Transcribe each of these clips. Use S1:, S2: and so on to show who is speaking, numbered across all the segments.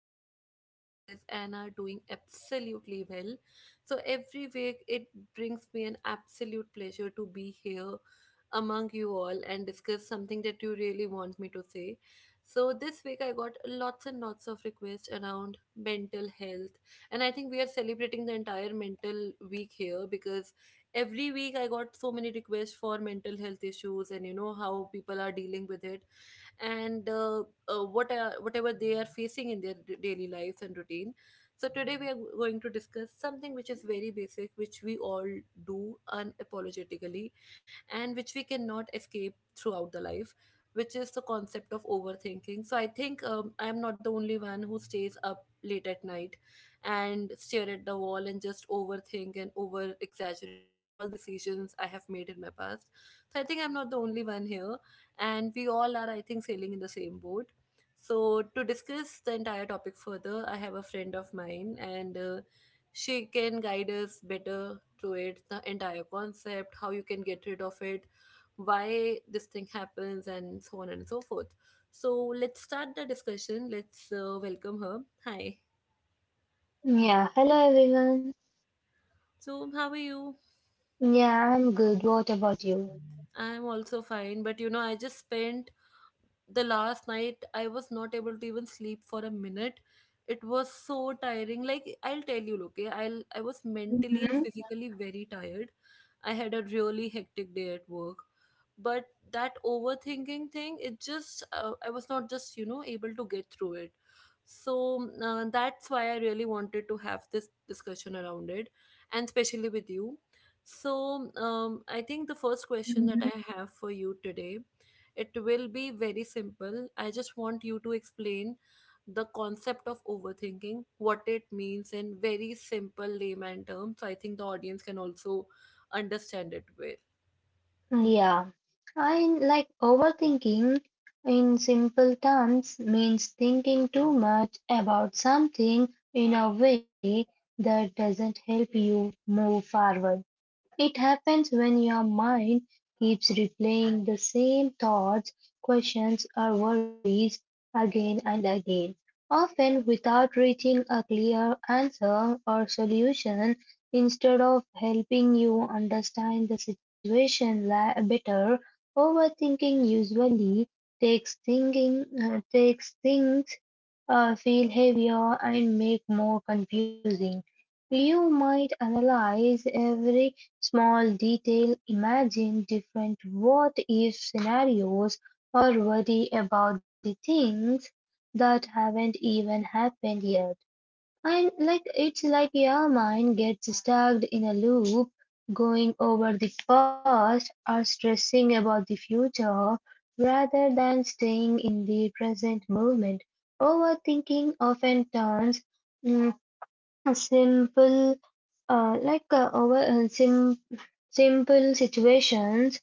S1: and sound at your places and are doing absolutely well. So, every week it brings me an absolute pleasure to be here among you all and discuss something that you really want me to say. So, this week I got lots and lots of requests around mental health, and I think we are celebrating the entire mental week here because every week I got so many requests for mental health issues and you know how people are dealing with it and whatever they are facing in their daily lives and routine. So today we are going to discuss something which is very basic, which we all do unapologetically, and which we cannot escape throughout the life, which is the concept of overthinking. So I think I am not the only one who stays up late at night and stare at the wall and just overthink and over exaggerate all the decisions I have made in my past. So I think I'm not the only one here and we all are, I think, sailing in the same boat. So, to discuss the entire topic further, I have a friend of mine, and she can guide us better through it the entire concept, how you can get rid of it, why this thing happens, and so on and so forth. So, let's start the discussion. Let's welcome her. Hi.
S2: Yeah, hello everyone.
S1: So, how are you?
S2: Yeah, I'm good. What about you?
S1: I'm also fine, but you know, I just spent the last night I was not able to even sleep for a minute. It was so tiring. Like I'll tell you, okay, I was mentally and
S2: Mhm.
S1: physically very tired. I had a really hectic day at work. But that overthinking thing, it just I was not just, you know, able to get through it. So that's why I really wanted to have this discussion around it and especially with you. So I think the first question that I have for you today it will be very simple. I just want you to explain the concept of overthinking, what it means in very simple layman terms. So I think the audience can also understand it well.
S2: Yeah, I like overthinking in simple terms means thinking too much about something in a way that doesn't help you move forward. It happens when your mind keeps replaying the same thoughts, questions, or worries again and again, often without reaching a clear answer or solution. Instead of helping you understand the better, overthinking usually takes things feel heavier and make more confusing. You might analyze every small detail, imagine different what-if scenarios, or worry about the things that haven't even happened yet. And like it's like your mind gets stuck in a loop, going over the past or stressing about the future rather than staying in the present moment. Overthinking often turns mm, simple like over sim- simple situations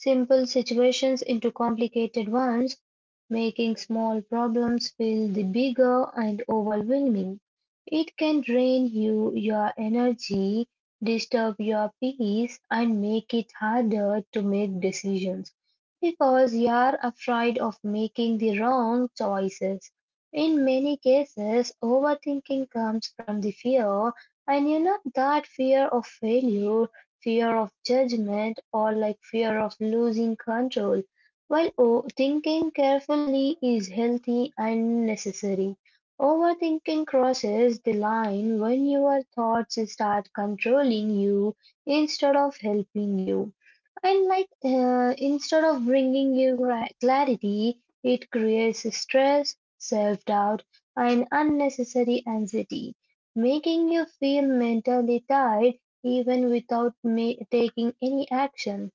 S2: simple situations into complicated ones, making small problems feel the bigger and overwhelming. It can drain you your energy, disturb your peace, and make it harder to make decisions because you are afraid of making the wrong choices. In many cases, overthinking comes from the fear, and you know, that fear of failure, fear of judgment, or like fear of losing control. While thinking carefully is healthy and necessary, overthinking crosses the line when your thoughts start controlling you instead of helping you. And instead of bringing you clarity, it creates stress, self doubt, and unnecessary anxiety, making you feel mentally tired even without taking any action.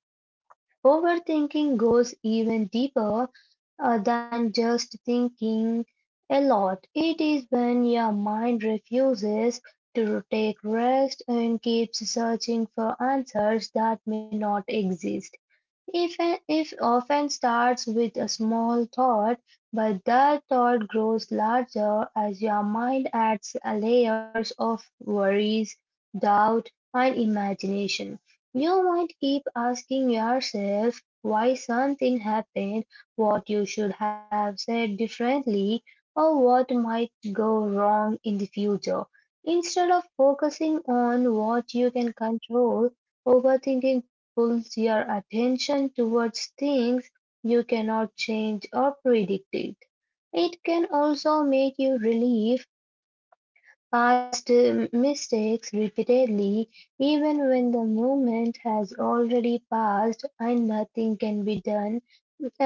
S2: Overthinking goes even deeper than just thinking a lot. It is when your mind refuses to take rest and keeps searching for answers that may not exist. If, if often starts with a small thought, but that thought grows larger as your mind adds layers of worries, doubt, and imagination. You might keep asking yourself why something happened, what you should have said differently, or what might go wrong in the future. Instead of focusing on what you can control, overthinking pulls your attention towards things you cannot change or predict. It can also make you relieve past mistakes repeatedly, even when the moment has already passed and nothing can be done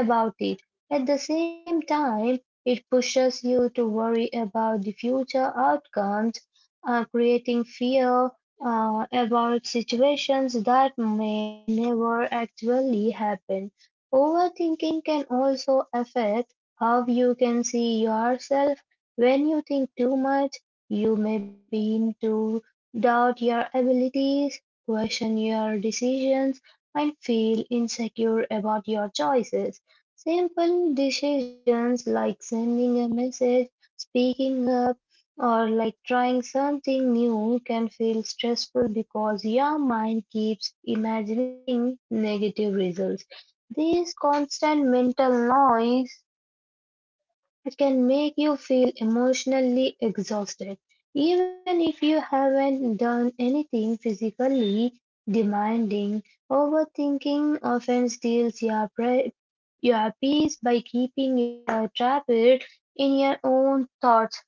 S2: about it. At the same time, it pushes you to worry about the future outcomes, creating fear about situations that may never actually happen. Overthinking can also affect how you can see yourself. When you think too much, you may begin to doubt your abilities, question your decisions, and feel insecure about your choices. Simple decisions like sending a message, speaking up, or like trying something new can feel stressful because your mind keeps imagining negative results. This constant mental noise, it can make you feel emotionally exhausted, even if you haven't done anything physically demanding. Overthinking often steals your peace by keeping you trapped in your own thoughts,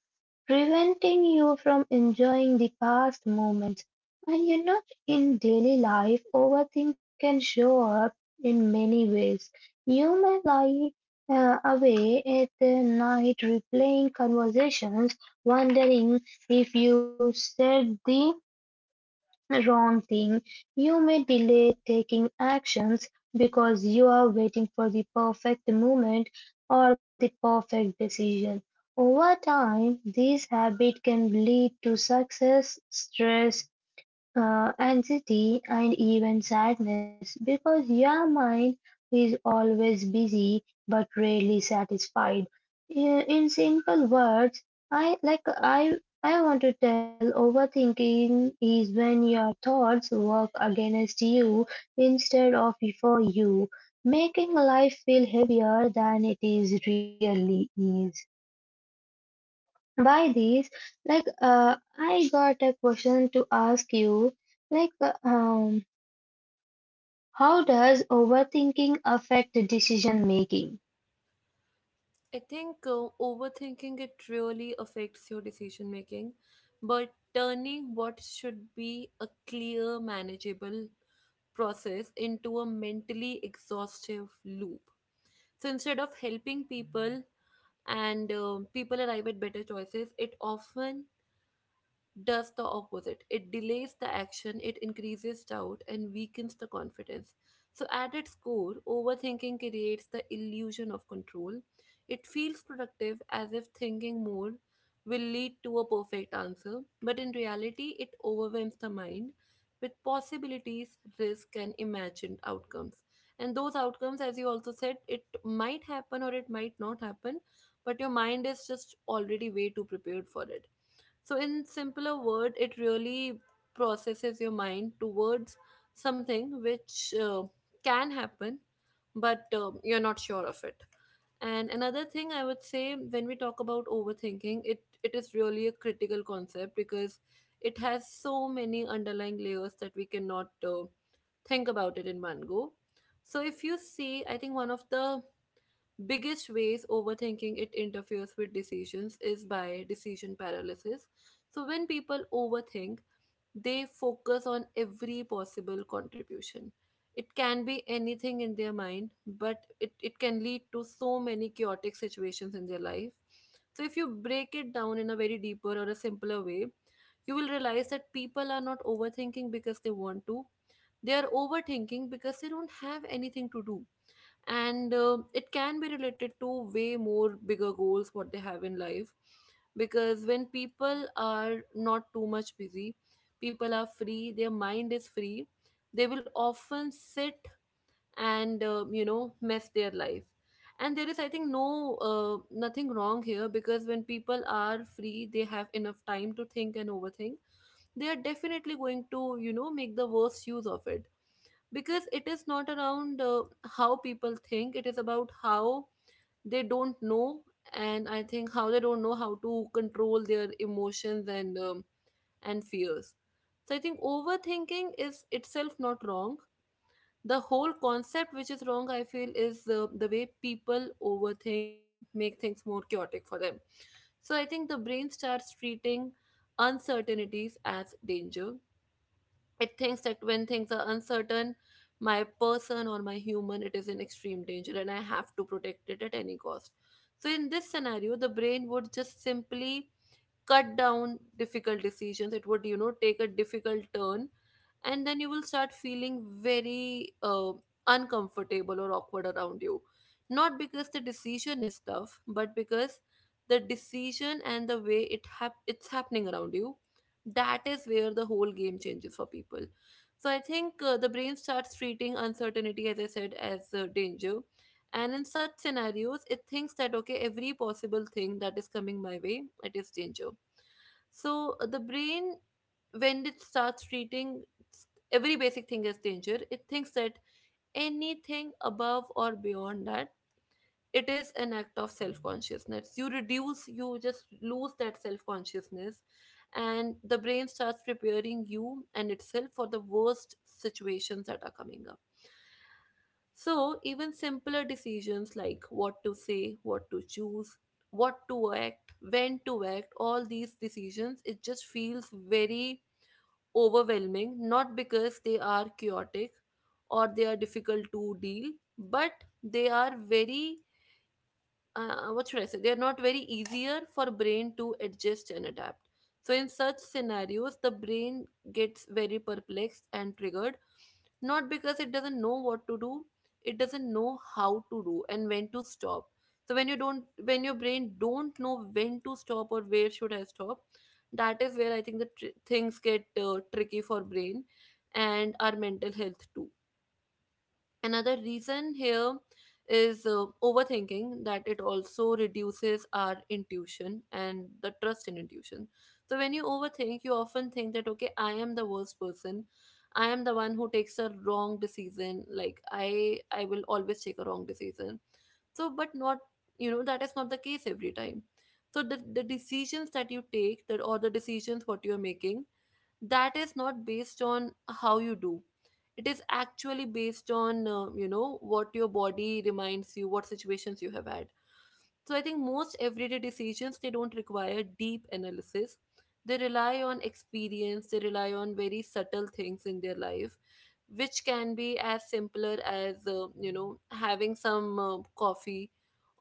S2: preventing you from enjoying the past moments. And you know, in daily life, overthink can show up in many ways. You may lie away at the night replaying conversations, wondering if you said the wrong thing. You may delay taking actions because you are waiting for the perfect moment or the perfect decision. Over time, this habit can lead to success, stress, anxiety, and even sadness because your mind is always busy but rarely satisfied. In simple words, I like I want to tell overthinking is when your thoughts work against you instead of for you, making life feel heavier than it is really is by these I got a question to ask you. like uh, um how does overthinking affect decision making?
S1: I think overthinking it really affects your decision making, but turning what should be a clear, manageable process into a mentally exhaustive loop. So instead of helping people, and people arrive at better choices it often does the opposite. It delays the action, it increases doubt, and weakens the confidence. So, at its core, overthinking creates the illusion of control. It feels productive as if thinking more will lead to a perfect answer, but in reality, it overwhelms the mind with possibilities, risk, and imagined outcomes. And those outcomes, as you also said, it might happen or it might not happen, but your mind is just already way too prepared for it, so in simpler word, it really processes your mind towards something which can happen, but you're not sure of it. And another thing I would say when we talk about overthinking, it is really a critical concept because it has so many underlying layers that we cannot think about it in one go. So if you see, I think one of the biggest ways overthinking it interferes with decisions is by decision paralysis. So when people overthink they focus on every possible contribution. It can be anything in their mind but it can lead to so many chaotic situations in their life. So if you break it down in a very deeper or a simpler way you will realize that people are not overthinking because they want to, they are overthinking because they don't have anything to do, and it can be related to way more bigger goals what they have in life. Because when people are not too much busy, people are free, their mind is free, they will often sit and you know mess their life. And there is I think no nothing wrong here, because when people are free they have enough time to think and overthink, they are definitely going to you know make the worst use of it. Because it is not around how people think, it is about how they don't know, and I think how they don't know how to control their emotions and fears. So I think overthinking is itself not wrong, the whole concept which is wrong I feel is the way people overthink and make things more chaotic for them. So I think the brain starts treating uncertainties as danger. It thinks that when things are uncertain, my person or my human it is in extreme danger and I have to protect it at any cost. So in this scenario the brain would just simply cut down difficult decisions, it would you know take a difficult turn, and then you will start feeling very uncomfortable or awkward around you, not because the decision is tough but because the decision and the way it's happening around you, that is where the whole game changes for people. So I think the brain starts treating uncertainty as I said as danger, and in such scenarios it thinks that okay every possible thing that is coming my way it is danger. So the brain, when it starts treating every basic thing is danger, it thinks that anything above or beyond that it is an act of self consciousness, you reduce you just lose that self consciousness, and the brain starts preparing you and itself for the worst situations that are coming up. So even simpler decisions like what to say, what to choose, what to act, when to act, all these decisions it just feels very overwhelming, not because they are chaotic or they are difficult to deal, but they are very what should I say, they are not very easier for brain to adjust and adapt. So in such scenarios the brain gets very perplexed and triggered, not because it doesn't know what to do, it doesn't know how to do and when to stop. So when you don't when your brain don't know when to stop or where should I stop, that is where I think the things get tricky for brain and our mental health too. Another reason here is overthinking that it also reduces our intuition and the trust in intuition. So when you overthink, you often think that okay, I am the worst person. I am the one who takes a wrong decision. Like I will always take a wrong decision. So but not you know that is not the case every time. So the decisions that you take that or the decisions what you are making, that is not based on how you do, it is actually based on you know what your body reminds you what situations you have had. So I think most everyday decisions they don't require deep analysis. They rely on experience, they rely on very subtle things in their life which can be as simpler as you know having some coffee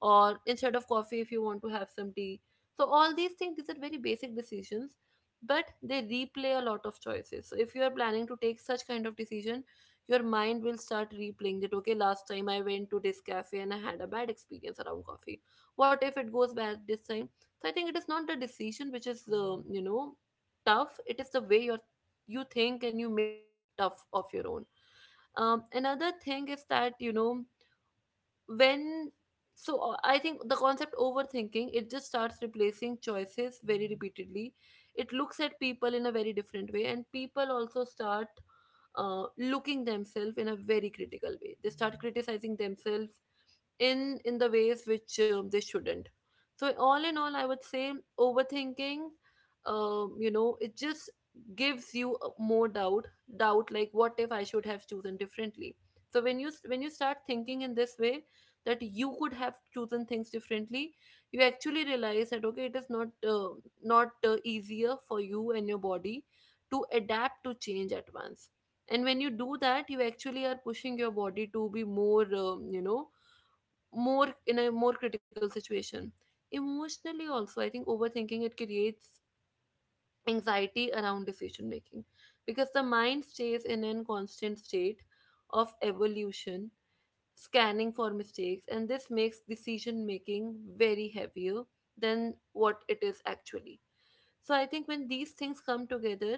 S1: or instead of coffee if you want to have some tea. So all these things these are very basic decisions but they replay a lot of choices. So if you are planning to take such kind of decision, your mind will start replaying that, okay, last time I went to this cafe and I had a bad experience around coffee. What if it goes back this time? So I think it is not the decision which is tough, it is the way you think and you make it tough of your own. Another thing is that you know when, I think the concept overthinking, it just starts replacing choices very repeatedly. It looks at people in a very different way, and people also start looking themselves in a very critical way. They start criticizing themselves in the ways which they shouldn't. So all in all, I would say overthinking, it just gives you more doubt. Doubt like, what if I should have chosen differently? So when you start thinking in this way, that you could have chosen things differently, you actually realize that, okay, it is not not easier for you and your body to adapt to change at once. And when you do that, you actually are pushing your body to be more, more in a more critical situation. Emotionally also, I think overthinking, it creates anxiety around decision making, because the mind stays in a constant state of evolution, scanning for mistakes, and this makes decision making very heavier than what it is actually. So I think when these things come together,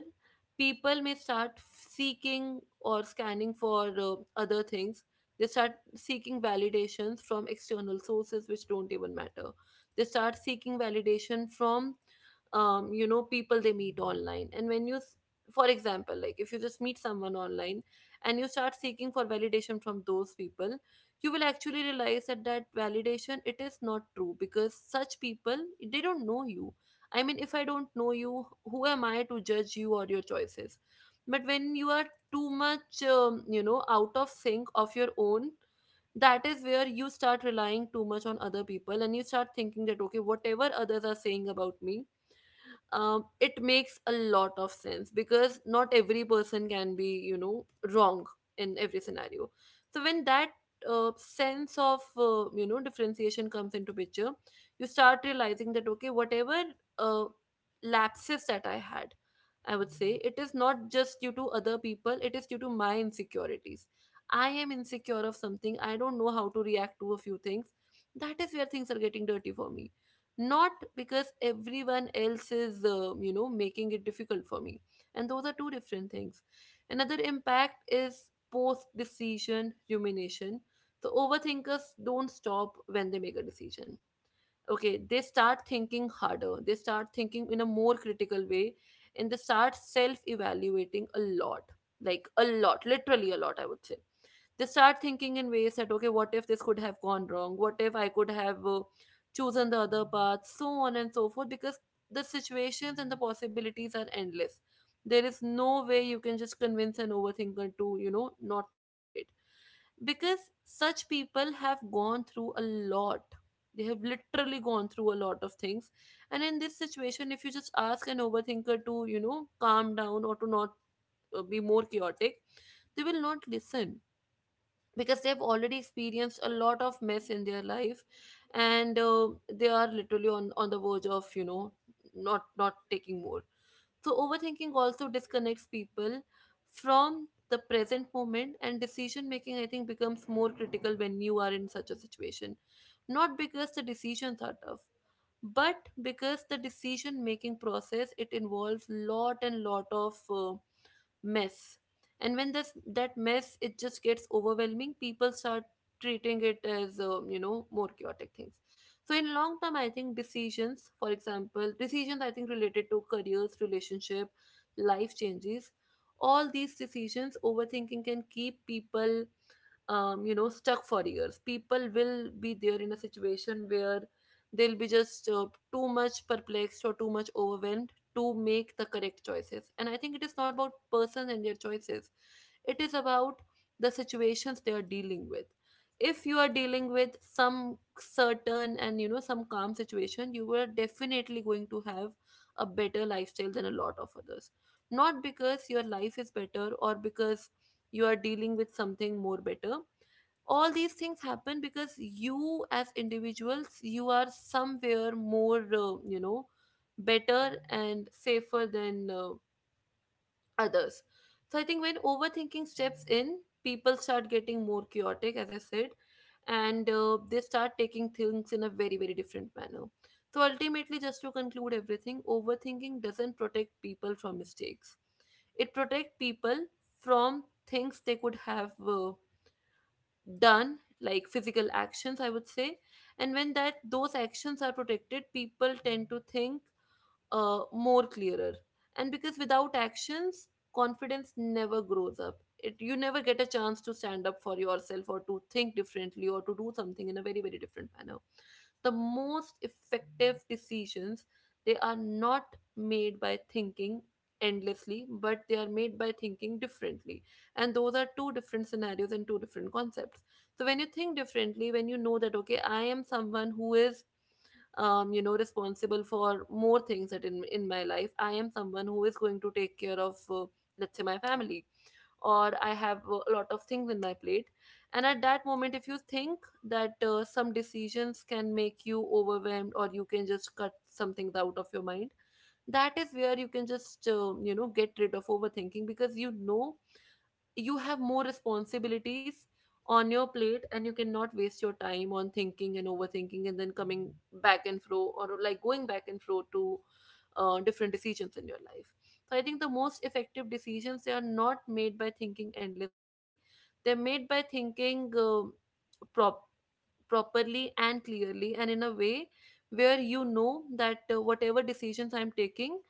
S1: people may start seeking or scanning for other things. They start seeking validations from external sources which don't even matter. They start seeking validation from, people they meet online. And when you for example, like, if you just meet someone online and you start seeking for validation from those people, you will actually realize that that validation, it is not true, because such people, they don't know you. I mean, if I don't know you, who am I to judge you or your choices? But when you are too much, out of sync of your own, that is where you start relying too much on other people, and you start thinking that, okay, whatever others are saying about me, it makes a lot of sense, because not every person can be, wrong in every scenario. So when that sense of differentiation comes into picture, you start realizing that, okay, whatever uh, lapses that I had, I would say it is not just due to other people, it is due to my insecurities. I am insecure of something, I don't know how to react to a few things. That is where things are getting dirty for me. Not because everyone else is, making it difficult for me. And those are two different things. Another impact is post decision rumination. So overthinkers don't stop when they make a decision. Okay, they start thinking harder, they start thinking in a more critical way, and they start self evaluating a lot. Like a lot, literally a lot, I would say. They start thinking in ways that, okay, what if this could have gone wrong, what if I could have chosen the other path, so on and so forth, because the situations and the possibilities are endless. There is no way you can just convince an overthinker to, you know, not think straight, because such people have gone through a lot. They have literally gone through a lot of things. And in this situation, if you just ask an overthinker to, you know, calm down or to not be more chaotic, they will not listen, because they've already experienced a lot of mess in their life, and they are literally on the verge of, you know, not taking more. So overthinking also disconnects people from the present moment, and decision making, I think, becomes more critical when you are in such a situation. Not because the decisions are tough, but because the decision making process, it involves lot and lot of mess. And when this that mess, it just gets overwhelming, people start treating it as, more chaotic things. So in long term, I think decisions, for example decisions I think related to careers, relationship, life changes, all these decisions, overthinking can keep people, stuck for years. People will be there in a situation where they'll be just too much perplexed or too much overwhelmed to make the correct choices. And I think it is not about persons and their choices, it is about the situations they are dealing with. If you are dealing with some certain and, you know, some calm situation, you are definitely going to have a better lifestyle than a lot of others. Not because your life is better or because you are dealing with something more better, all these things happen because you as individuals, you are somewhere more, better and safer than others. So I think when overthinking steps in, people start getting more chaotic, as I said, and they start taking things in a very, very different manner. So ultimately, just to conclude everything, overthinking doesn't protect people from mistakes. It protects people from things they could have done, like physical actions, I would say. And when that those actions are protected, people tend to think more clearer. And because without actions, confidence never grows up. It You never get a chance to stand up for yourself or to think differently or to do something in a very, very different manner. The most effective decisions, they are not made by thinking endlessly, but they are made by thinking differently. And those are two different scenarios and two different concepts. So when you think differently, when you know that, okay, I am someone who is, responsible for more things, that in my life I am someone who is going to take care of, let's say, my family, or I have a lot of things in my plate, and at that moment if you think that some decisions can make you overwhelmed, or you can just cut some things out of your mind, that is where you can just get rid of overthinking, because you know you have more responsibilities on your plate, and you cannot waste your time on thinking and overthinking and then coming back and fro, or like going back and fro to different decisions in your life. So I think the most effective decisions, they are not made by thinking endlessly, they're made by thinking prop- properly and clearly, and in a way where you know that whatever decisions I'm taking,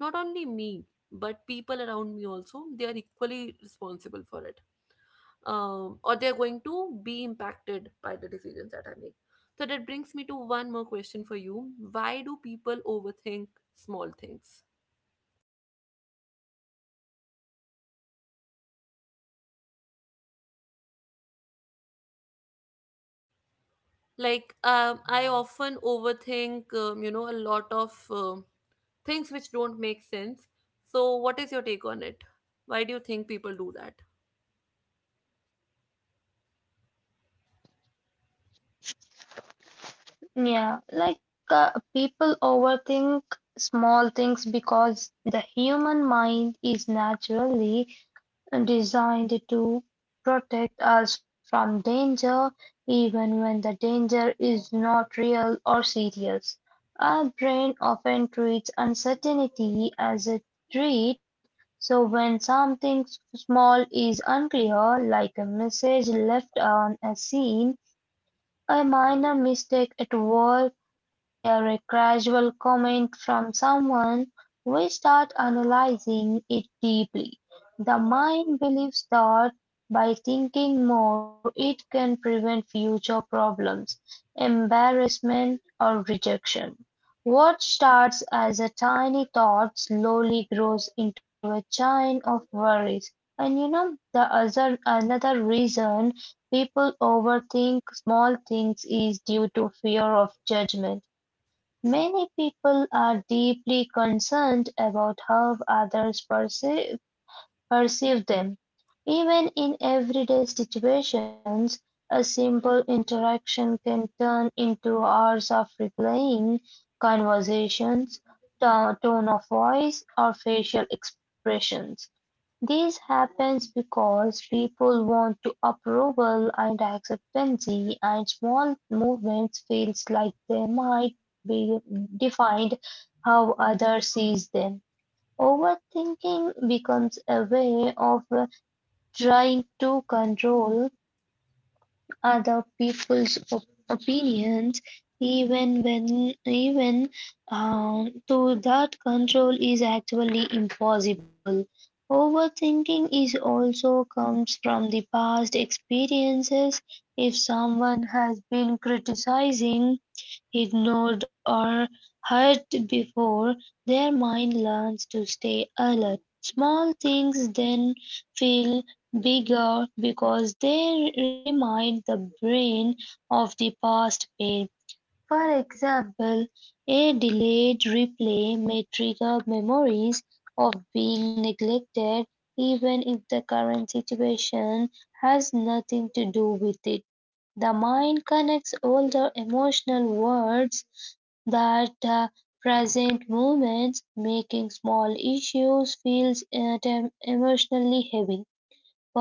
S1: not only me, but people around me also, they are equally responsible for it, or they're going to be impacted by the decisions that I make. So that brings me to one more question for you. Why do people overthink small things? Like, I often overthink, a lot of things which don't make sense. So, what is your take on it? Why do you think people do that?
S2: Yeah, like uh, people overthink small things because the human mind is naturally designed to protect us from danger even when the danger is not real or serious. Our brain often treats uncertainty as a threat, so when something small is unclear, like a message left on a scene, a minor mistake at work, or a casual comment from someone, we start analyzing it deeply. The mind believes that by thinking more, it can prevent future problems, embarrassment, or rejection. What starts as a tiny thought slowly grows into a chain of worries. And you know, the other another reason people overthink small things is due to fear of judgment. Many people are deeply concerned about how others perceive them. Even in everyday situations, a simple interaction can turn into hours of replaying conversations, tone of voice, or facial expressions. This happens because people want to approval and acceptance, and small movements feels like they might be defined how others sees them. Overthinking becomes a way of trying to control other people's opinions even when, even though that control is actually impossible. Overthinking is also comes from the past experiences. If someone has been criticizing, ignored, or hurt before, their mind learns to stay alert. Small things then feel bigger because they remind the brain of the past pain. For example, a delayed replay may trigger memories of being neglected even if the current situation has nothing to do with it. The mind connects older emotional words that present moments, making small issues feel emotionally heavy.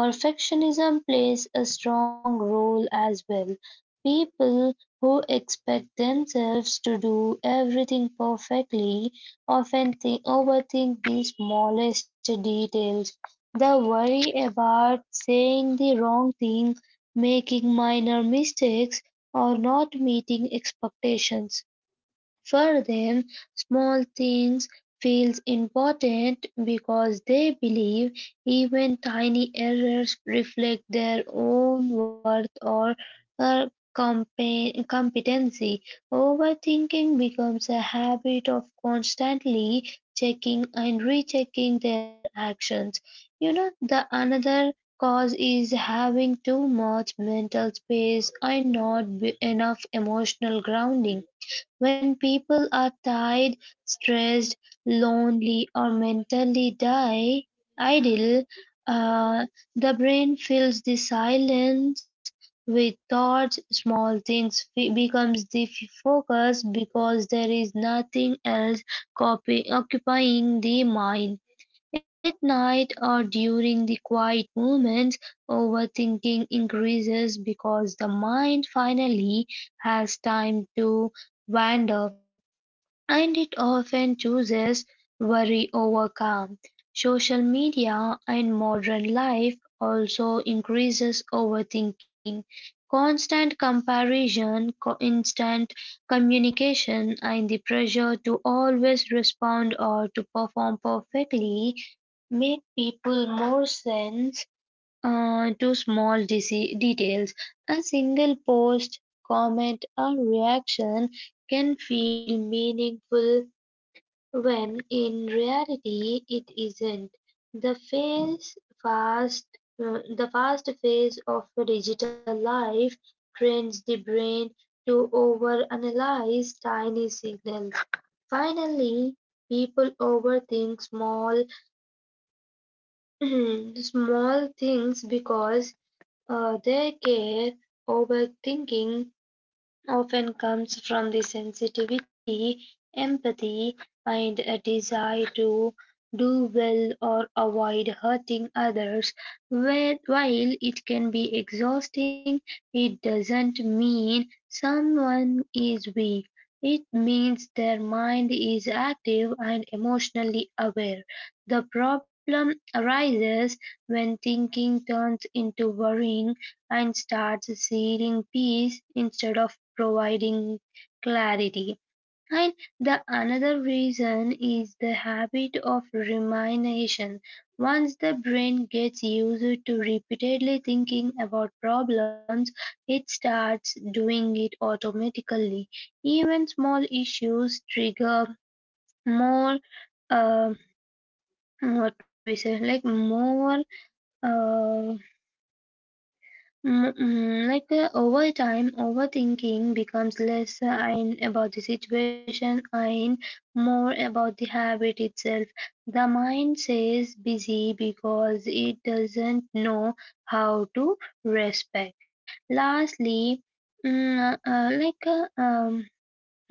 S2: Perfectionism plays a strong role as well; people who expect themselves to do everything perfectly often overthink the smallest details. The worry about saying the wrong thing, making minor mistakes, or not meeting expectations. For them, small things feels important because they believe even tiny errors reflect their own worth or uh, competency. Overthinking becomes a habit of constantly checking and rechecking their actions. You know, the another cause is having too much mental space and not enough emotional grounding. When people are tired, stressed, lonely, or mentally die idle, uh, the brain fills the silence with thoughts. Small things becomes the focus because there is nothing else occupying the mind. At night or during the quiet moments, overthinking increases because the mind finally has time to wander. And it often chooses worry over calm. Social media and modern life also increases overthinking. Constant comparison, instant communication, and the pressure to always respond or to perform perfectly make people more sense to small details. A single post, comment, or reaction can feel meaningful when in reality it isn't. The fast, fast phase of digital life trains the brain to overanalyze tiny signals. Finally, people overthink small small things because They get overthinking often comes from the sensitivity, empathy, and a desire to do well or avoid hurting others. While it can be exhausting, it doesn't mean someone is weak. It means their mind is active and emotionally aware. The problem arises when thinking turns into worrying and starts seeing peace instead of providing clarity. And the another reason is the habit of rumination. Once the brain gets used to repeatedly thinking about problems, it starts doing it automatically. Even small issues trigger more, uh, what we say, like more uh, Mm, mm, like over time, overthinking becomes less and about the situation and more about the habit itself. The mind says busy because it doesn't know how to respect. Lastly, mm, uh, like uh, um,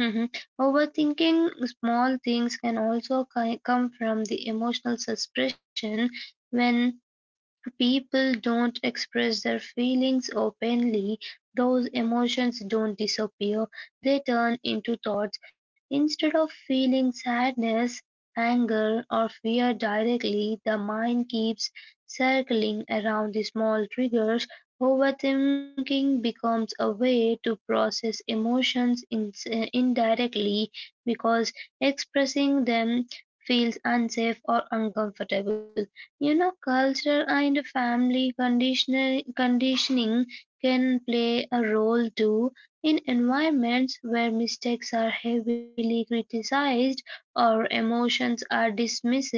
S2: mhm, overthinking small things can also come from the emotional suppression. When people don't express their feelings openly, those emotions don't disappear, they turn into thoughts. Instead of feeling sadness, anger, or fear directly, the mind keeps circling around the small triggers. Overthinking becomes a way to process emotions indirectly because expressing them feels unsafe or uncomfortable. You know, culture and family conditioning can play a role too. In environments where mistakes are heavily criticized or emotions are dismissed,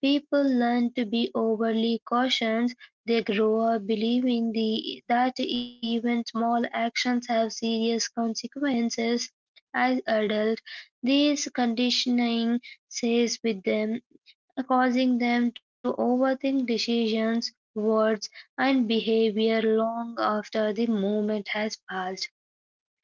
S2: people learn to be overly cautious. They grow up believing that even small actions have serious consequences. As adults, this conditioning stays with them, causing them to overthink decisions, words, and behavior long after the moment has passed.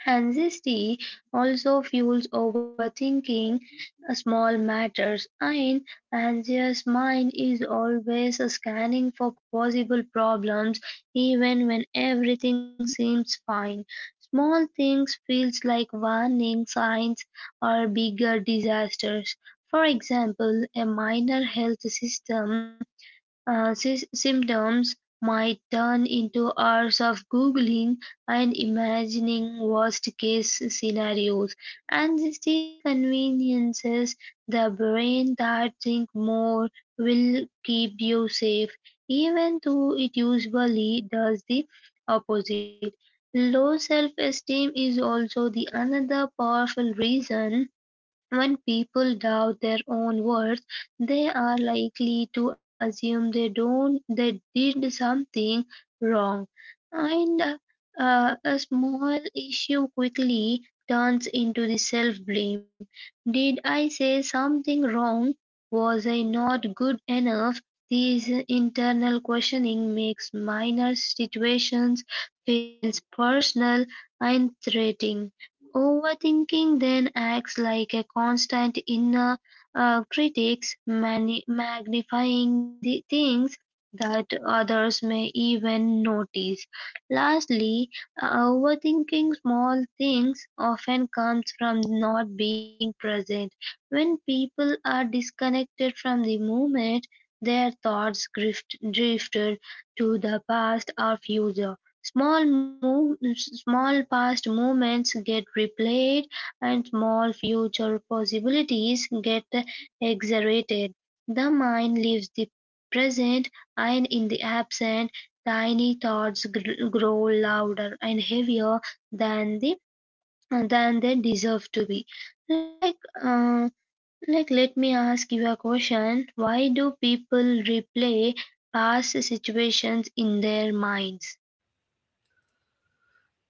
S2: Anxiety also fuels overthinking small matters. An anxious mind is always scanning for possible problems even when everything seems fine. Small things feels like warning signs or bigger disasters. For example, a minor health system, these symptoms might turn into hours of Googling and imagining worst case scenarios, and the conveniences the brain that think more will keep you safe, even though it usually does the opposite. Low self esteem is also the another powerful reason. When people doubt their own worth, they are likely to assume they don't they did something wrong, and a small issue quickly turns into the self-blame. Did I say something wrong? Was I not good enough? These internal questioning makes minor situations feels personal and threatening. Overthinking then acts like a constant inner critic, magnifying the things that others may even notice. Lastly, overthinking small things often comes from not being present. When people are disconnected from the moment, their thoughts drifted to the past or future. Small past movements get replayed, and small future possibilities get exaggerated. The mind leaves the present, and in the absent, tiny thoughts grow louder and heavier than they than they deserve to be. Like uh, Let me ask you a question. Why do people replay past situations in their minds?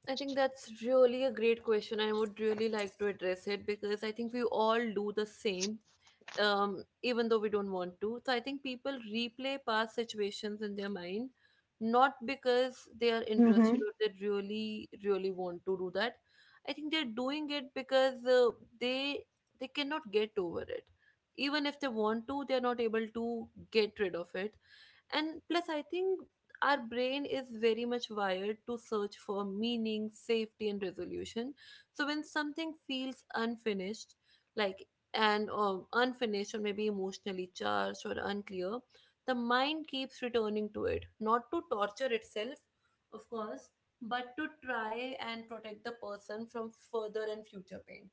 S1: I think that's really a great question. I would really like to address it, because I think we all do the same, even though we don't want to. So I think people replay past situations in their mind, not because they are interested or they really, really want to do that. I think they're doing it because they cannot get over it. Even if they want to, they're not able to get rid of it. And plus, I think our brain is very much wired to search for meaning, safety, and resolution. So when something feels unfinished, like and unfinished or maybe emotionally charged or unclear, the mind keeps returning to it, not to torture itself, of course, but to try and protect the person from further and future pain.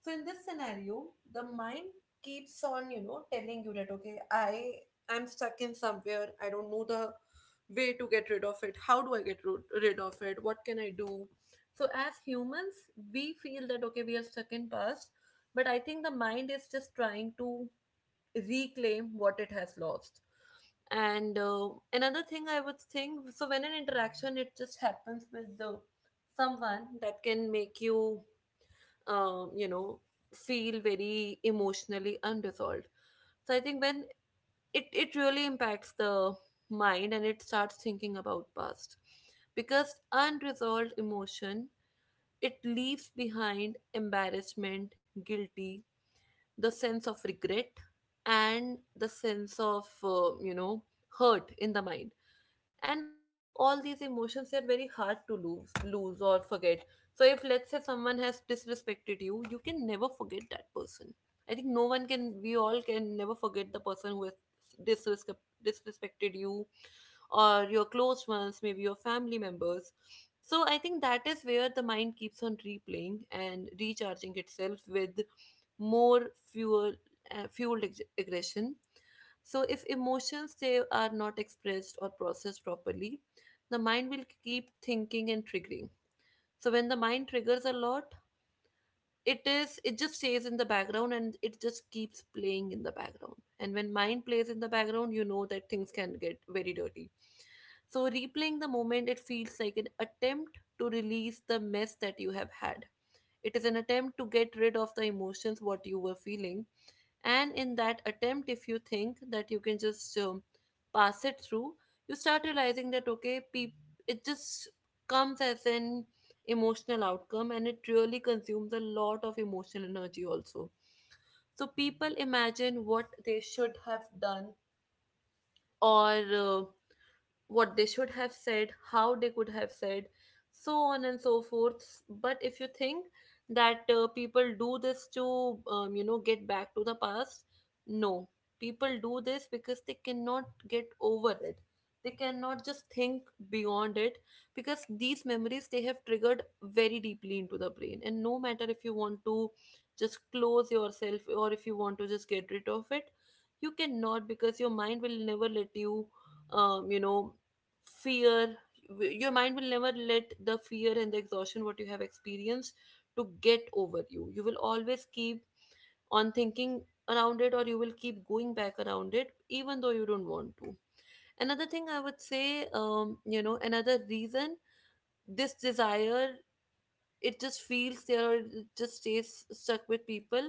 S1: So in this scenario, the mind keeps on, you know, telling you that, okay, I'm stuck in somewhere, I don't know the way to get rid of it. How do I get rid of it? What can I do? So as humans, we feel that, okay, we are stuck in past, but I think the mind is just trying to reclaim what it has lost. And another thing I would think, so when an interaction, it just happens with the someone, that can make you, um, you know, feel very emotionally unresolved. So I think when it really impacts the mind, and it starts thinking about past. Because unresolved emotion, it leaves behind embarrassment, guilty, the sense of regret, and the sense of, hurt in the mind. And I think all these emotions, they are very hard to lose or forget. So if, let's say, someone has disrespected you, you can never forget that person. I think no one can. We all can never forget the person who has disrespect, disrespected you or your close ones, maybe your family members. So I think that is where the mind keeps on replaying and recharging itself with more fuel, fueled aggression. So if emotions, they are not expressed or processed properly, the mind will keep thinking and triggering. So when the mind triggers a lot, it just stays in the background, and it just keeps playing in the background. And when mind plays in the background, you know that things can get very dirty. So replaying the moment, it feels like an attempt to release the mess that you have had. It is an attempt to get rid of the emotions what you were feeling. And in that attempt, if you think that you can just, pass it through, you start realizing that, okay, it just comes as an emotional outcome, and it really consumes a lot of emotional energy also. So people imagine what they should have done, or what they should have said, how they could have said, so on and so forth. But if you think that people do this to, get back to the past, no. People do this because they cannot get over it. They cannot just think beyond it because these memories they have triggered very deeply into the brain. And no matter if you want to just close yourself or if you want to just get rid of it, you cannot because your mind will never let you you know fear your mind will never let the fear and the exhaustion what you have experienced to get over you you will always keep on thinking around it, or you will keep going back around it even though you don't want to. Another thing I would say, another reason this desire it just feels there or it just stays stuck with people,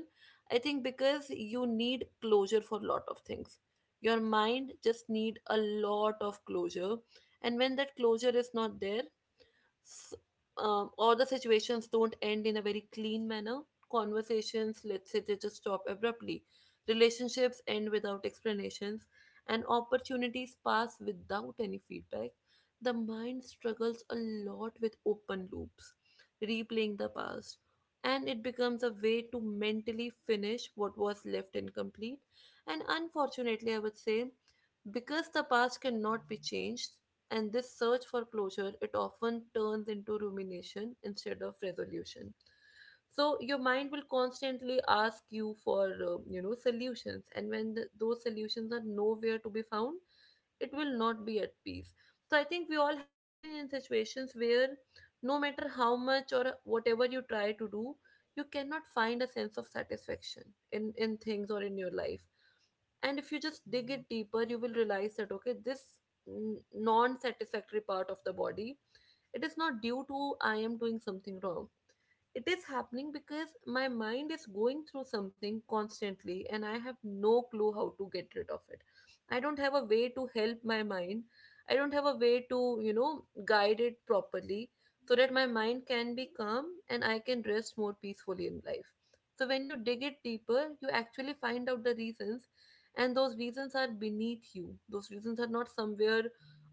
S1: I think, because you need closure for a lot of things. Your mind just need a lot of closure, and when that closure is not there, s- or the situations don't end in a very clean manner. Conversations, let's say, they just stop abruptly. Relationships end without explanations, and opportunities pass without any feedback. The mind struggles a lot with open loops, replaying the past, and it becomes a way to mentally finish what was left incomplete. And unfortunately, I would say, because the past cannot be changed, and this search for closure it often turns into rumination instead of resolution. So your mind will constantly ask you for solutions, and when th those solutions are nowhere to be found, it will not be at peace. So I think we all have been in situations where no matter how much or whatever you try to do, you cannot find a sense of satisfaction in things or in your life. And if you just dig it deeper, you will realize that okay, this non-satisfactory part of the body, it is not due to I am doing something wrong. It is happening because my mind is going through something constantly, and I have no clue how to get rid of it. I don't have a way to help my mind. I don't have a way to, you know, guide it properly so that my mind can be calm and I can rest more peacefully in life. So when you dig it deeper, you actually find out the reasons, and those reasons are beneath you. Those reasons are not somewhere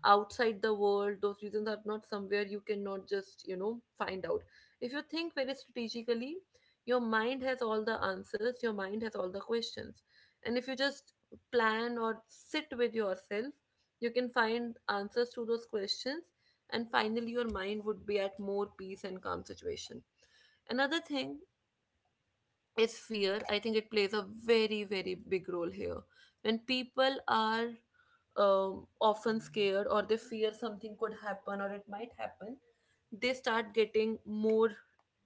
S1: outside the world. Those reasons are not somewhere you cannot just, you know, find out. If you think very strategically, your mind has all the answers, your mind has all the questions. And if you just plan or sit with yourself, you can find answers to those questions, and finally, your mind would be at more peace and calm situation. Another thing is fear. I think it plays a very, very big role here. When people are often scared or they fear something could happen or it might happen, they start getting more,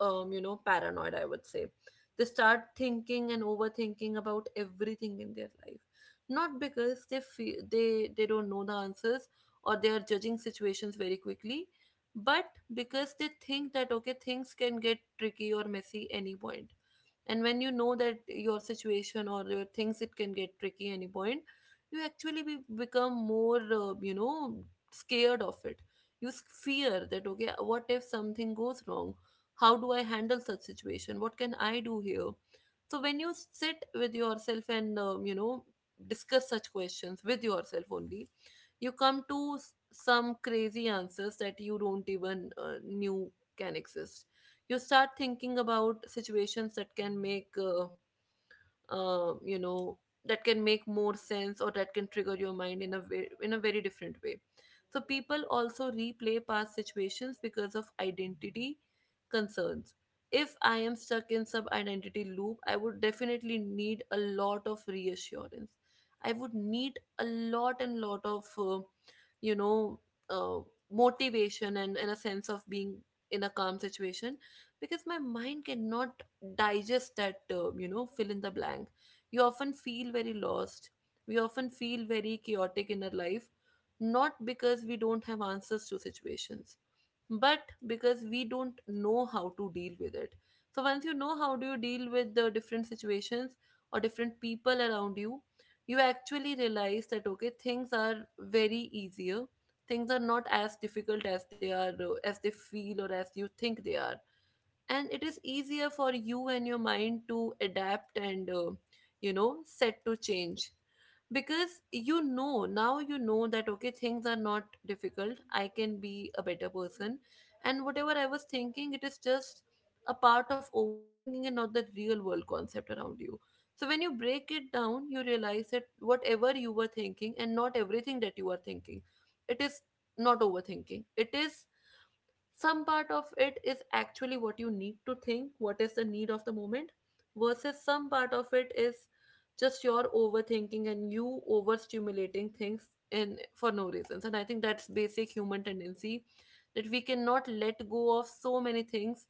S1: you know, paranoid, I would say. They start thinking and overthinking about everything in their life. Not because they feel they don't know the answers or they are judging situations very quickly, but because they think that okay, things can get tricky or messy any point. And when you know that your situation or your things it can get tricky any point, you actually become more, you know, scared of it. You fear that okay, what if something goes wrong? How do I handle such situation? What can I do here? So when you sit with yourself and, you know, discuss such questions with yourself only, you come to some crazy answers that you don't even knew can exist. You start thinking about situations that can make you know, that can make more sense or that can trigger your mind in a way, in a very different way. So people also replay past situations because of identity concerns. If I am stuck in some identity loop, I would definitely need a lot of reassurance. I would need a lot and lot of you know uh, motivation and a sense of being in a calm situation, because my mind cannot digest that term, you know, fill in the blank. You often feel very lost. We often feel very chaotic in our life, not because we don't have answers to situations, but because we don't know how to deal with it. So once you know how do you deal with the different situations or different people around you, you actually realize that okay, things are very easier. Things are not as difficult as they are, as they feel or as you think they are, and it is easier for you and your mind to adapt and, you know, set to change, because you know now you know that okay, things are not difficult, I can be a better person, and whatever I was thinking, it is just a part of overthinking and not the real world concept around you. So when you break it down, you realize that whatever you were thinking and not everything that you are thinking, it is not overthinking. It is some part of it is actually what you need to think, what is the need of the moment, versus some part of it is just your overthinking and you overstimulating things in for no reasons. And I think that's basic human tendency that we cannot let go of so many things,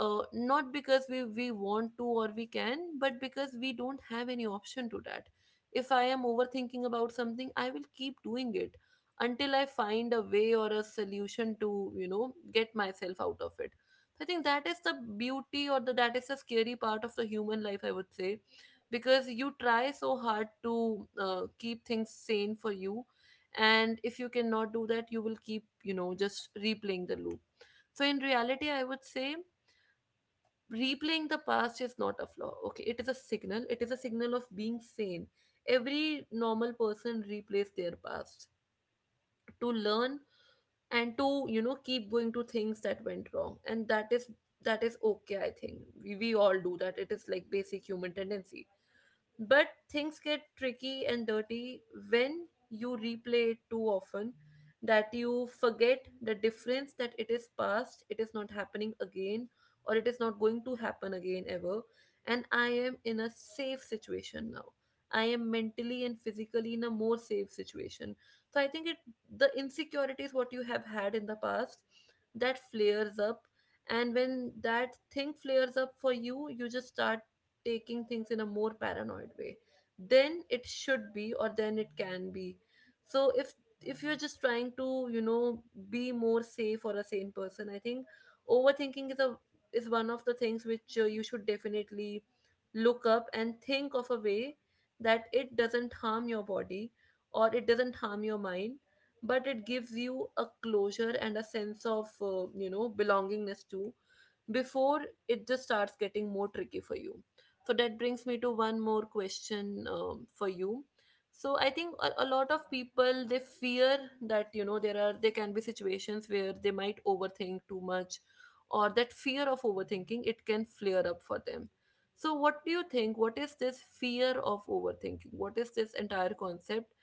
S1: not because we want to or we can, but because we don't have any option to that. If I am overthinking about something, I will keep doing it until I find a way or a solution to, you know, get myself out of it. So, I think that is the beauty, or the, that is the scary part of the human life, I would say, because you try so hard to, keep things sane for you, and if you cannot do that, you will keep, you know, just replaying the loop. So in reality, I would say replaying the past is not a flaw. Okay, it is a signal. It is a signal of being sane. Every normal person replays their past to learn and to, you know, keep going to things that went wrong, and that is, that is okay. I think we all do that. It is like basic human tendency. But things get tricky and dirty when you replay it too often, that you forget the difference that it is past, it is not happening again, or it is not going to happen again ever. And I am in a safe situation now. I am mentally and physically in a more safe situation. So I think it, the insecurities what you have had in the past, that flares up, and when that thing flares up for you just start taking things in a more paranoid way then it should be or then it can be. So if you're just trying to, you know, be more safe or a sane person, I think overthinking is a, is one of the things which, you should definitely look up and think of a way that it doesn't harm your body or it doesn't harm your mind, but it gives you a closure and a sense of, you know, belongingness too, before it just starts getting more tricky for you. So that brings me to one more question, for you. So I think a lot of people they fear that, you know, there are, there can be situations where they might overthink too much, or that fear of overthinking it can flare up for them. So what do you think? What is this fear of overthinking? What is this entire concept?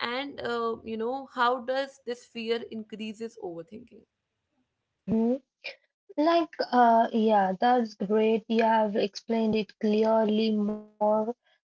S1: And, you know, how does this fear increases overthinking?
S2: 嗯哼。Yeah, that's great. You have explained it clearly more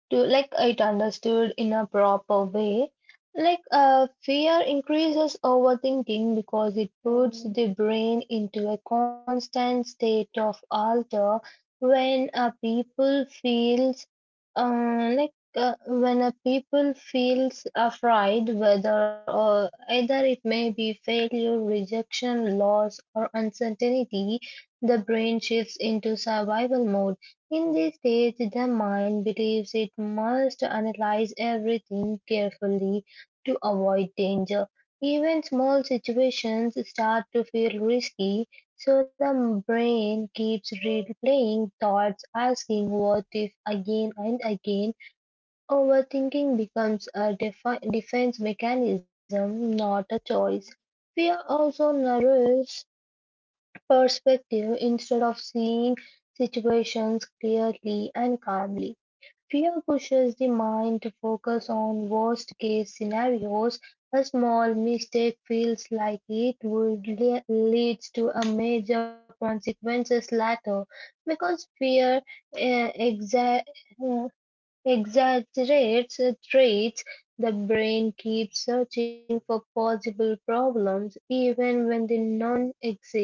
S2: to like it understood in a proper way. Fear increases overthinking because it puts Mm. the brain into a constant state of alter when a people feels, uh, like, uh, when a people feels afraid, whether or either it may be failure, rejection, loss, or uncertainty. The brain shifts into survival mode. In this stage, the mind believes it must analyze everything carefully to avoid danger. Even small situations start to feel risky, so the brain keeps replaying thoughts, asking what if again and again. Overthinking becomes a defense mechanism, not a choice. Fear also narrows perspective instead of seeing situations clearly and calmly. Fear pushes the mind to focus on worst case scenarios. A small mistake feels like it would leads to a major consequences later because fear uh, exa- exaggerates traits. The brain keeps searching for possible problems even when they none exist.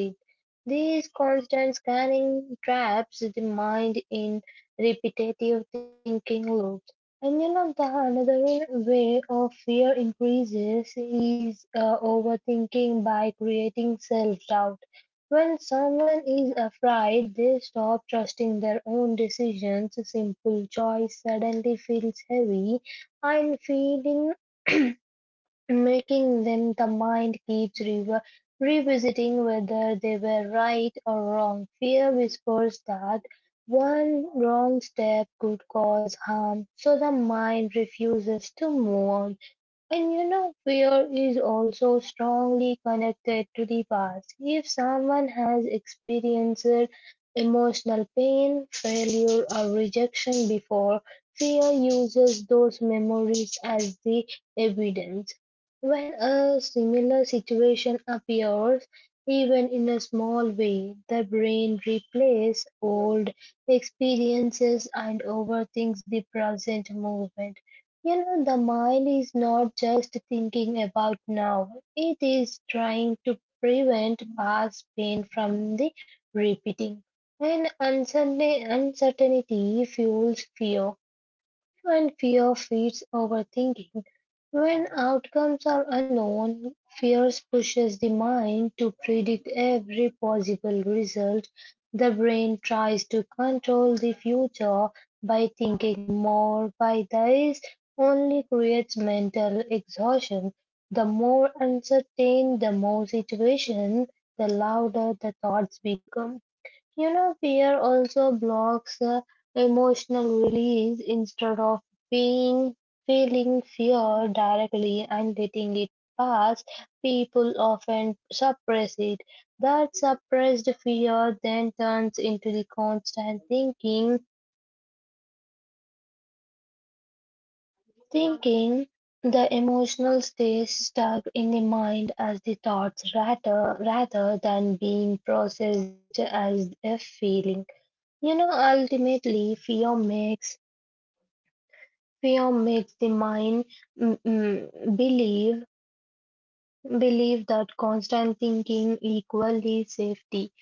S2: These constant scanning traps the mind in repetitive thinking loops. And you know, the another way of fear increases is overthinking by creating self doubt. When someone is afraid, they stop trusting their own decisions. Simple choice suddenly feels heavy, and feeling making them the mind keeps rever revisiting whether they were right or wrong. Fear whispers that one wrong step could cause harm, so the mind refuses to move on. And you know, fear is also strongly connected to the past. If someone has experienced emotional pain, failure, or rejection before, fear uses those memories as the evidence. When a similar situation appears, even in a small way, the brain replays old experiences and overthinks the present moment. You know, the mind is not just thinking about now, it is trying to prevent past pain from the repeating. And uncertainty fuels fear, and fear feeds overthinking. When outcomes are unknown, fear pushes the mind to predict every possible result. The brain tries to control the future by thinking more, by this only creates mental exhaustion. The more uncertain the more situation, the louder the thoughts become. You know, fear also blocks emotional release instead of being feeling fear directly and letting it pass. People often suppress it. That suppressed fear then turns into the constant thinking. The emotional stays stuck in the mind as the thoughts rather than being processed as a feeling. You know, ultimately, Fear makes the mind mm, mm, believe believe that constant thinking equally safety.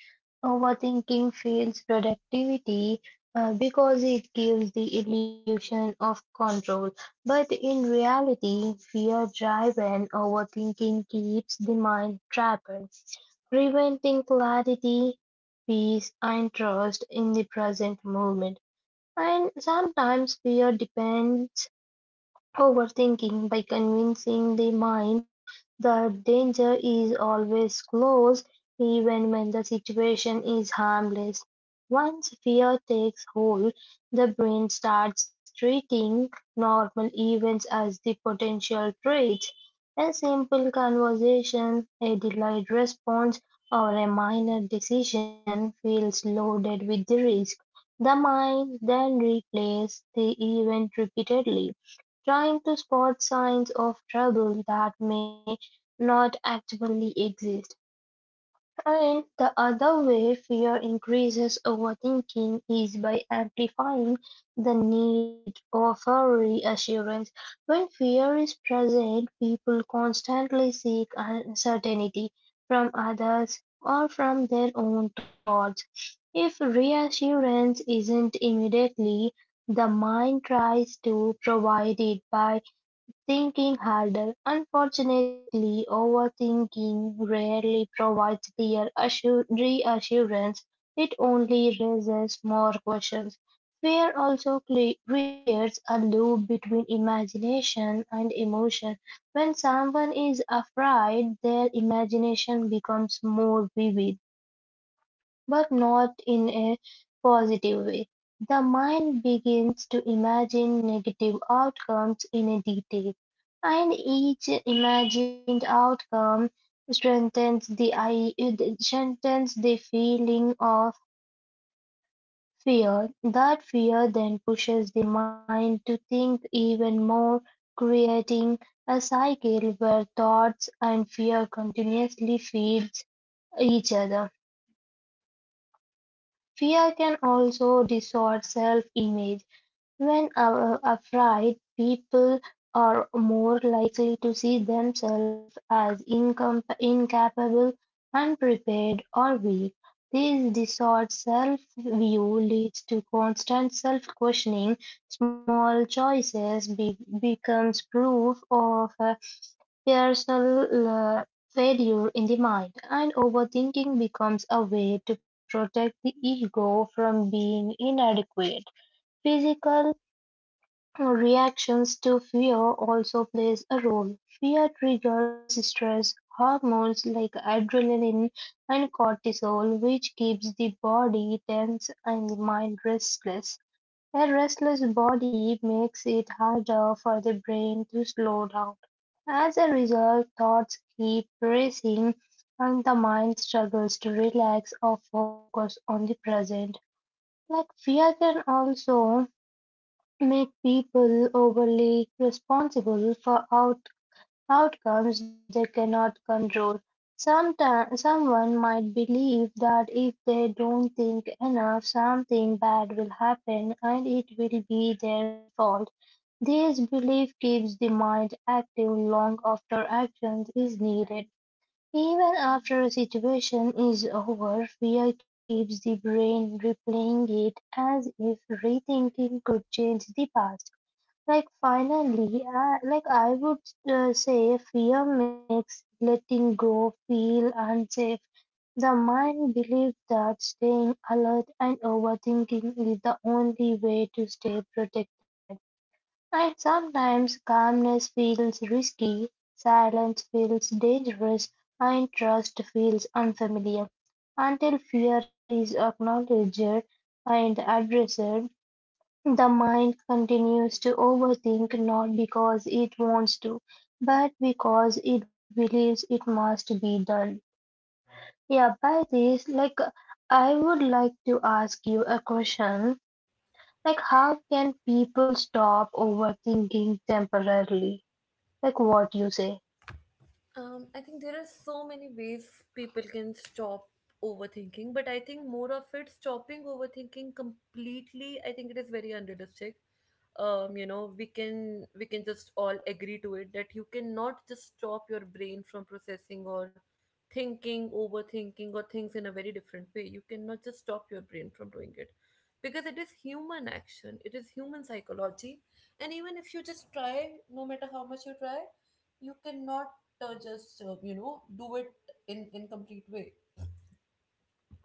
S2: Overthinking feels productivity because it gives the illusion of control, but in reality, fear-driven overthinking keeps the mind trapped, preventing clarity, peace, and trust in the present moment. And sometimes fear depends overthinking by convincing the mind that danger is always close, even when the situation is harmless. Once fear takes hold, the brain starts treating normal events as the potential threats. A simple conversation, a delayed response, or a minor decision feels loaded with the risk. The mind then replays the event repeatedly, trying to spot signs of trouble that may not actually exist. And the other way fear increases overthinking is by amplifying the need for reassurance. When fear is present, people constantly seek uncertainty from others or from their own thoughts. If reassurance isn't immediately, the mind tries to provide it by thinking harder. Unfortunately, overthinking rarely provides clear reassurance. It only raises more questions. Fear also creates a loop between imagination and emotion. When someone is afraid, their imagination becomes more vivid but not in a positive way. The mind begins to imagine negative outcomes in a detail, and each imagined outcome strengthens the i- strengthens the feeling of fear. That fear then pushes the mind to think even more, creating a cycle where thoughts and fear continuously feeds each other. Fear can also distort self-image. When afraid, people are more likely to see themselves as incapable, unprepared, or weak. This distorted self-view leads to constant self-questioning. Small choices becomes proof of personal failure in the mind, and overthinking becomes a way to protect the ego from being inadequate. Physical reactions to fear also plays a role. Fear triggers stress hormones like adrenaline and cortisol, which keeps the body tense and the mind restless. A restless body makes it harder for the brain to slow down. As a result, thoughts keep racing and the mind struggles to relax or focus on the present. Like fear can also make people overly responsible for out. Outcomes they cannot control. Sometime, someone might believe that if they don't think enough, something bad will happen and it will be their fault. This belief keeps the mind active long after action is needed. Even after a situation is over, fear keeps the brain replaying it as if rethinking could change the past. Like finally, I would say, fear makes letting go feel unsafe. The mind believes that staying alert and overthinking is the only way to stay protected. And sometimes calmness feels risky, silence feels dangerous, and trust feels unfamiliar. Until fear is acknowledged and addressed, the mind continues to overthink not because it wants to, but because it believes it must be done. Yeah, by this, like, I would like to ask you a question. Like, how can people stop overthinking temporarily? Like, what you say?
S1: I think there are so many ways people can stop overthinking, but I think more of it stopping overthinking completely, I think it is very unrealistic. You know, we can just all agree to it that you cannot just stop your brain from processing or thinking, overthinking, or things in a very different way. You cannot just stop your brain from doing it because it is human action, it is human psychology, and even if you just try, no matter how much you try, you cannot just you know, do it in complete way.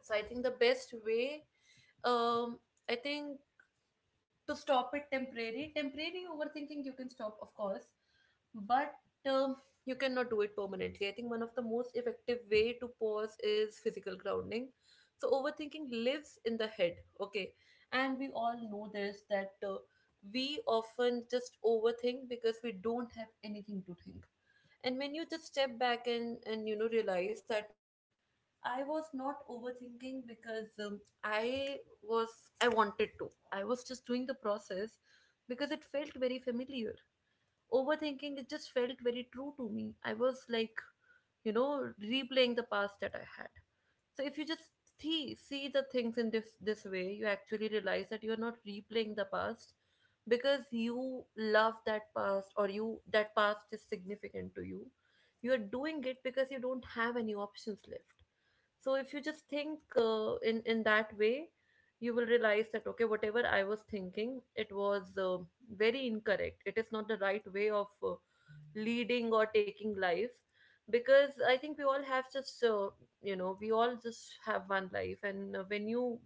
S1: So I think the best way, um I think to stop it temporary, temporary overthinking you can stop, of course, but, um, you cannot do it permanently. I think one of the most effective way to pause is physical grounding. So overthinking lives in the head, okay? And we all know this that, we often just overthink because we don't have anything to think. And when you just step back and, you know, realize that okay, I was not overthinking because, I was I wanted to. I was just doing the process because it felt very familiar. Overthinking it just felt very true to me. I was like, you know, replaying the past that I had. So if you just see the things in this way, you actually realize that you're not replaying the past because you love that past or you that past is significant to you. You are doing it because you don't have any options left. So if you just think in that way, you will realize that okay, whatever I was thinking, it was very incorrect. It is not the right way of leading or taking life, because I think we all have just we all just have one life, and when you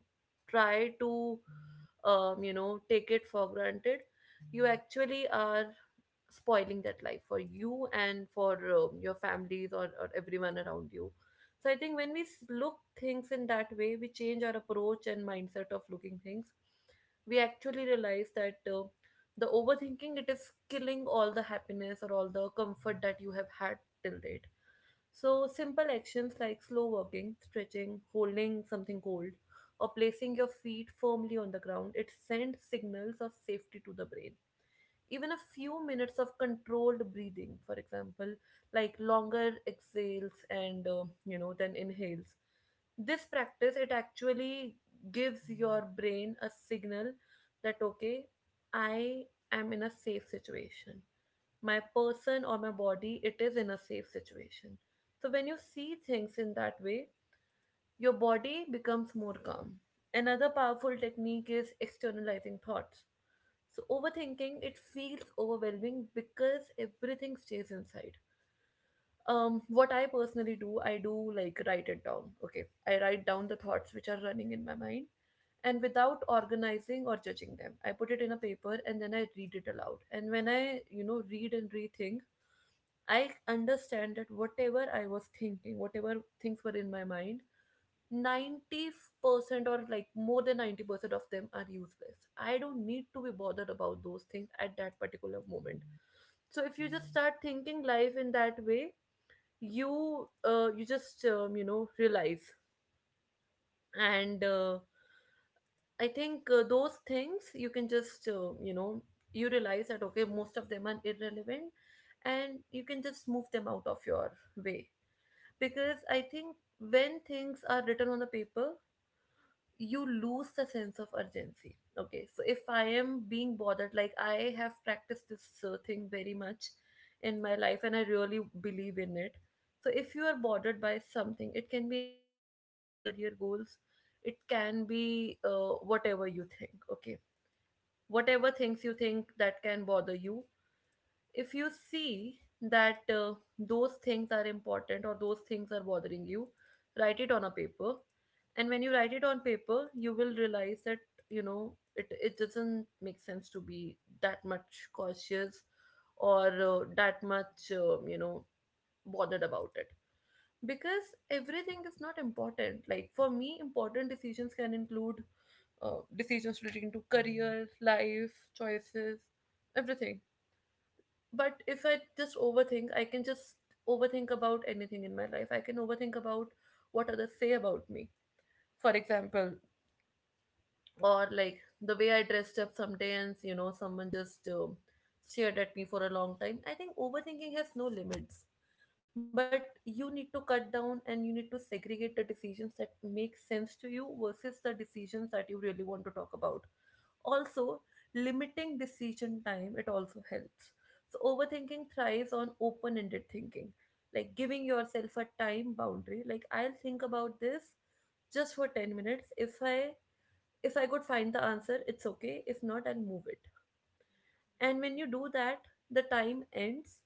S1: try to take it for granted, you actually are spoiling that life for you and for your families or everyone around you. So I think when look things in that way, we change our approach and mindset of looking things. We actually realize that the overthinking it is killing all the happiness or all the comfort that you have had till date. So simple actions like slow walking, stretching, holding something cold, or placing your feet firmly on the ground, it sends signals of safety to the brain. Even a few minutes of controlled breathing, for example, like longer exhales and then inhales, this practice it actually gives your brain a signal that okay, I am in a safe situation. My person or my body, it is in a safe situation. So when you see things in that way, your body becomes more calm. Another powerful technique is externalizing thoughts. So overthinking, it feels overwhelming because everything stays inside. What I personally do, I do like write it down. Okay, I write down the thoughts which are running in my mind, and without organizing or judging them, I put it in a paper and then I read it aloud. And when I, you know, read and rethink, I understand that whatever I was thinking, whatever things were in my mind, 90% or like more than 90% of them are useless. I don't need to be bothered about those things at that particular moment. So if you just start thinking life in that way, you you just realize, and I think those things you can just you realize that okay, most of them are irrelevant, and you can just move them out of your way. Because I think when things are written on the paper, you lose the sense of urgency. Okay, so if I am being bothered, like I have practiced this thing very much in my life and I really believe in it. So if you are bothered by something, it can be anything, it can be your career goals, it can be whatever you think. Okay, whatever things you think that can bother you, if you see that those things are important or those things are bothering you, write it on a paper. And when you write it on paper, you will realize that you know it, it doesn't make sense to be that much cautious or that much bothered about it, because everything is not important. Like for me, important decisions can include decisions relating to career, life choices, everything. But if I just overthink, I can just overthink about anything in my life. I can overthink about what others say about me, for example, or like the way I dressed up sometimes, you know, someone just stared at me for a long time. I think overthinking has no limits, but you need to cut down and you need to segregate the decisions that make sense to you versus the decisions that you really want to talk about. Also, limiting decision time, it also helps. So overthinking thrives on open-ended thinking, like giving yourself a time boundary. Like I'll think about this just for 10 minutes. If I could find the answer, it's okay. If not, I'll move it. And when you do that, the time ends.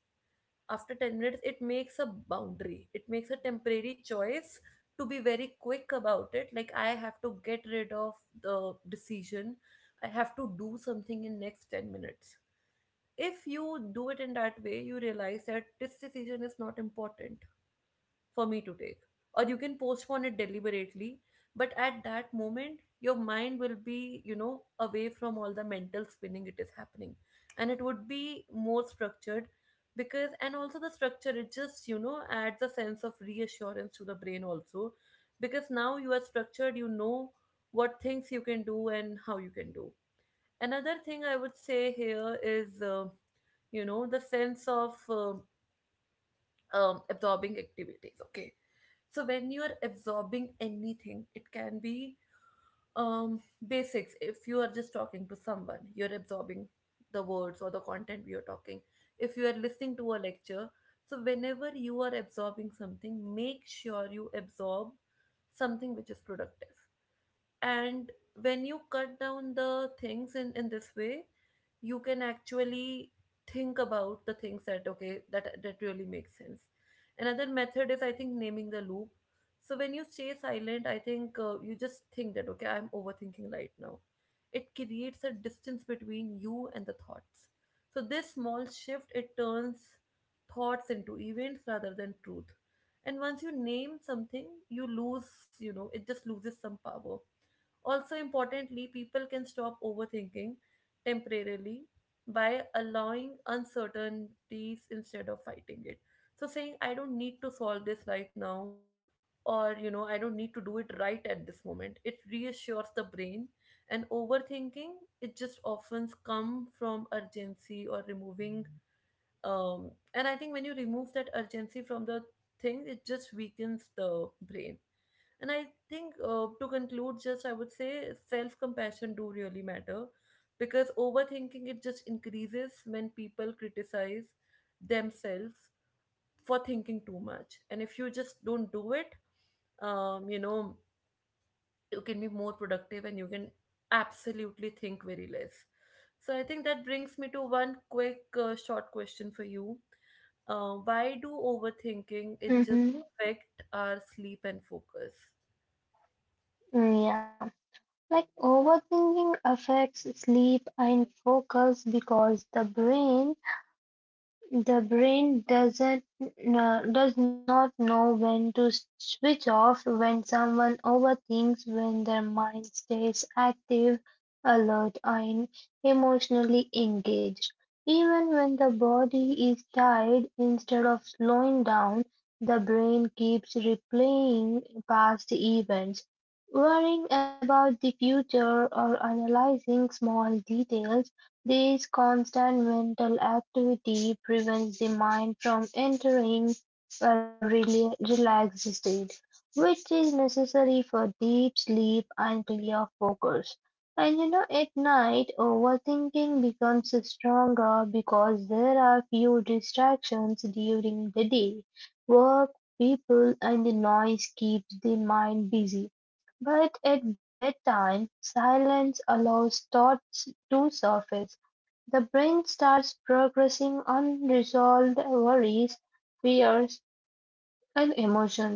S1: After 10 minutes, it makes a boundary. It makes a temporary choice to be very quick about it. Like, I have to get rid of the decision. I have to do something in next 10 minutes. If you do it in that way, you realize that this decision is not important for me to take, or you can postpone it deliberately. But at that moment, your mind will be, you know, away from all the mental spinning it is happening, and it would be more structured. Because, and also the structure, it just, you know, adds a sense of reassurance to the brain also, because now you are structured, you know what things you can do and how you can do. Another thing I would say here is the sense of absorbing activities. Okay, so when you are absorbing anything, it can be um, basics. If you are just talking to someone, you're absorbing the words or the content you're talking. If you are listening to a lecture, so whenever you are absorbing something, make sure you absorb something which is productive. And when you cut down the things in this way, you can actually think about the things that okay, that really makes sense. Another method is, I think, naming the loop. So when you stay silent, I think you just think that okay, I'm overthinking right now, it creates a distance between you and the thoughts. So this small shift, it turns thoughts into events rather than truth. And once you name something, you lose, you know, it just loses some power. Also, importantly, people can stop overthinking temporarily by allowing uncertainties instead of fighting it. So, saying, I don't need to solve this right now, or, you know, I don't need to do it right at this moment, it reassures the brain. And overthinking, it just often comes from urgency or removing. And I think when you remove that urgency from the thing, it just weakens the brain. And I think to conclude, just I would say self compassion do really matter, because overthinking, it just increases when people criticize themselves for thinking too much. And if you just don't do it, um, you know, you can be more productive and you can absolutely think very less. So I think that brings me to one quick short question for you. Why do overthinking it just
S2: Mm-hmm.
S1: affect our sleep and focus?
S2: Yeah. Like, overthinking affects sleep and focus because the brain doesn't does not know when to switch off. When someone overthinks, when their mind stays active, alert, and emotionally engaged. Even when the body is tired, instead of slowing down, the brain keeps replaying past events, worrying about the future or analyzing small details. This constant mental activity prevents the mind from entering a relaxed state, which is necessary for deep sleep and clear focus. And you know, at night, overthinking becomes stronger because there are few distractions during the day. Work, people, and the noise keeps the mind busy. But at bedtime, silence allows thoughts to surface. The brain starts processing unresolved worries, fears, and emotions;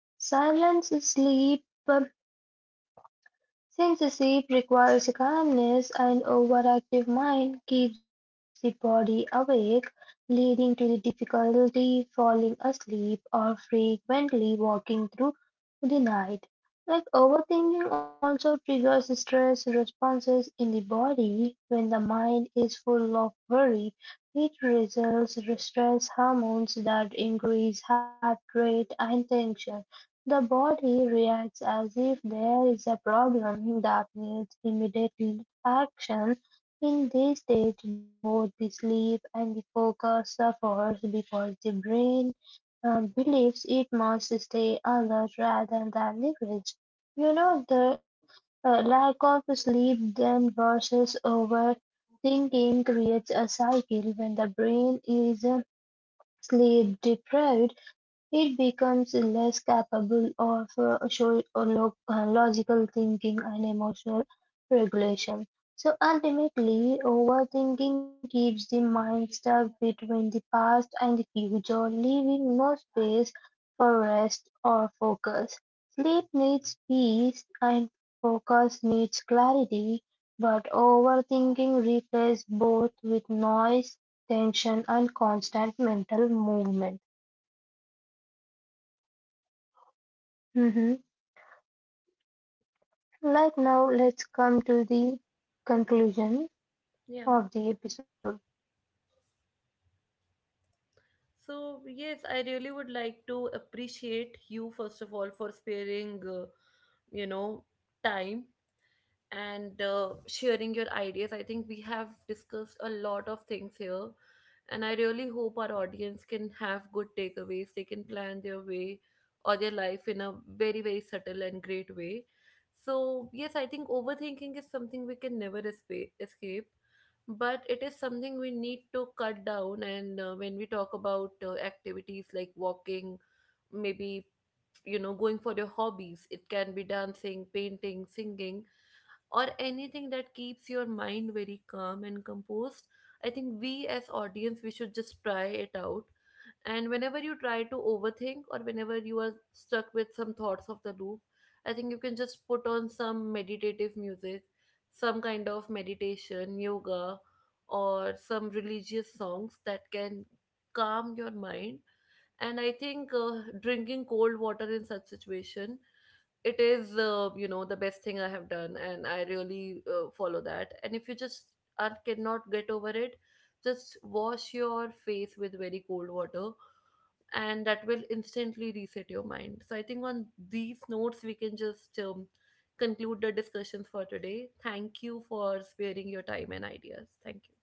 S2: silence, sleep, since the seat requires calmness, an overactive mind keeps the body awake, leading to the difficulty falling asleep or frequently walking through the night. Like overthinking also triggers stress responses in the body. When the mind is full of worry, it results in stress hormones that increase heart rate and tension. The body reacts as if there is a problem that needs immediate action. In this stage, both the sleep and the focus suffers because the brain believes it must stay alert rather than rest. You know, the lack of sleep then versus overthinking creates a cycle. When the brain is sleep deprived, it becomes less capable of logical thinking and emotional regulation. So ultimately, overthinking keeps the mind stuck between the past and the future, leaving no space for rest or focus. Sleep needs peace and focus needs clarity, but overthinking replaces both with noise, tension, and constant mental movement. Mhm. Like now, let's come to the conclusion
S1: Yeah.
S2: of the episode.
S1: So, yes, I really would like to appreciate you, first of all, for sparing, you know, time and sharing your ideas. I think we have discussed a lot of things here, and I really hope our audience can have good takeaways. They can plan their way or their life in a very, very subtle and great way. So, yes, I think overthinking is something we can never escape, but it is something we need to cut down. And when we talk about activities like walking, maybe, you know, going for your hobbies, it can be dancing, painting, singing, or anything that keeps your mind very calm and composed. I think we as audience, we should just try it out. And whenever you try to overthink, or whenever you are stuck with some thoughts of the loop, I think you can just put on some meditative music, some kind of meditation, yoga, or some religious songs that can calm your mind. And I think drinking cold water in such situation, it is the best thing I have done, and I really follow that. And if you just are cannot get over it, just wash your face with very cold water, and that will instantly reset your mind. So I think on these notes, we can just conclude the discussions for today. Thank you for sparing your time and ideas. Thank you.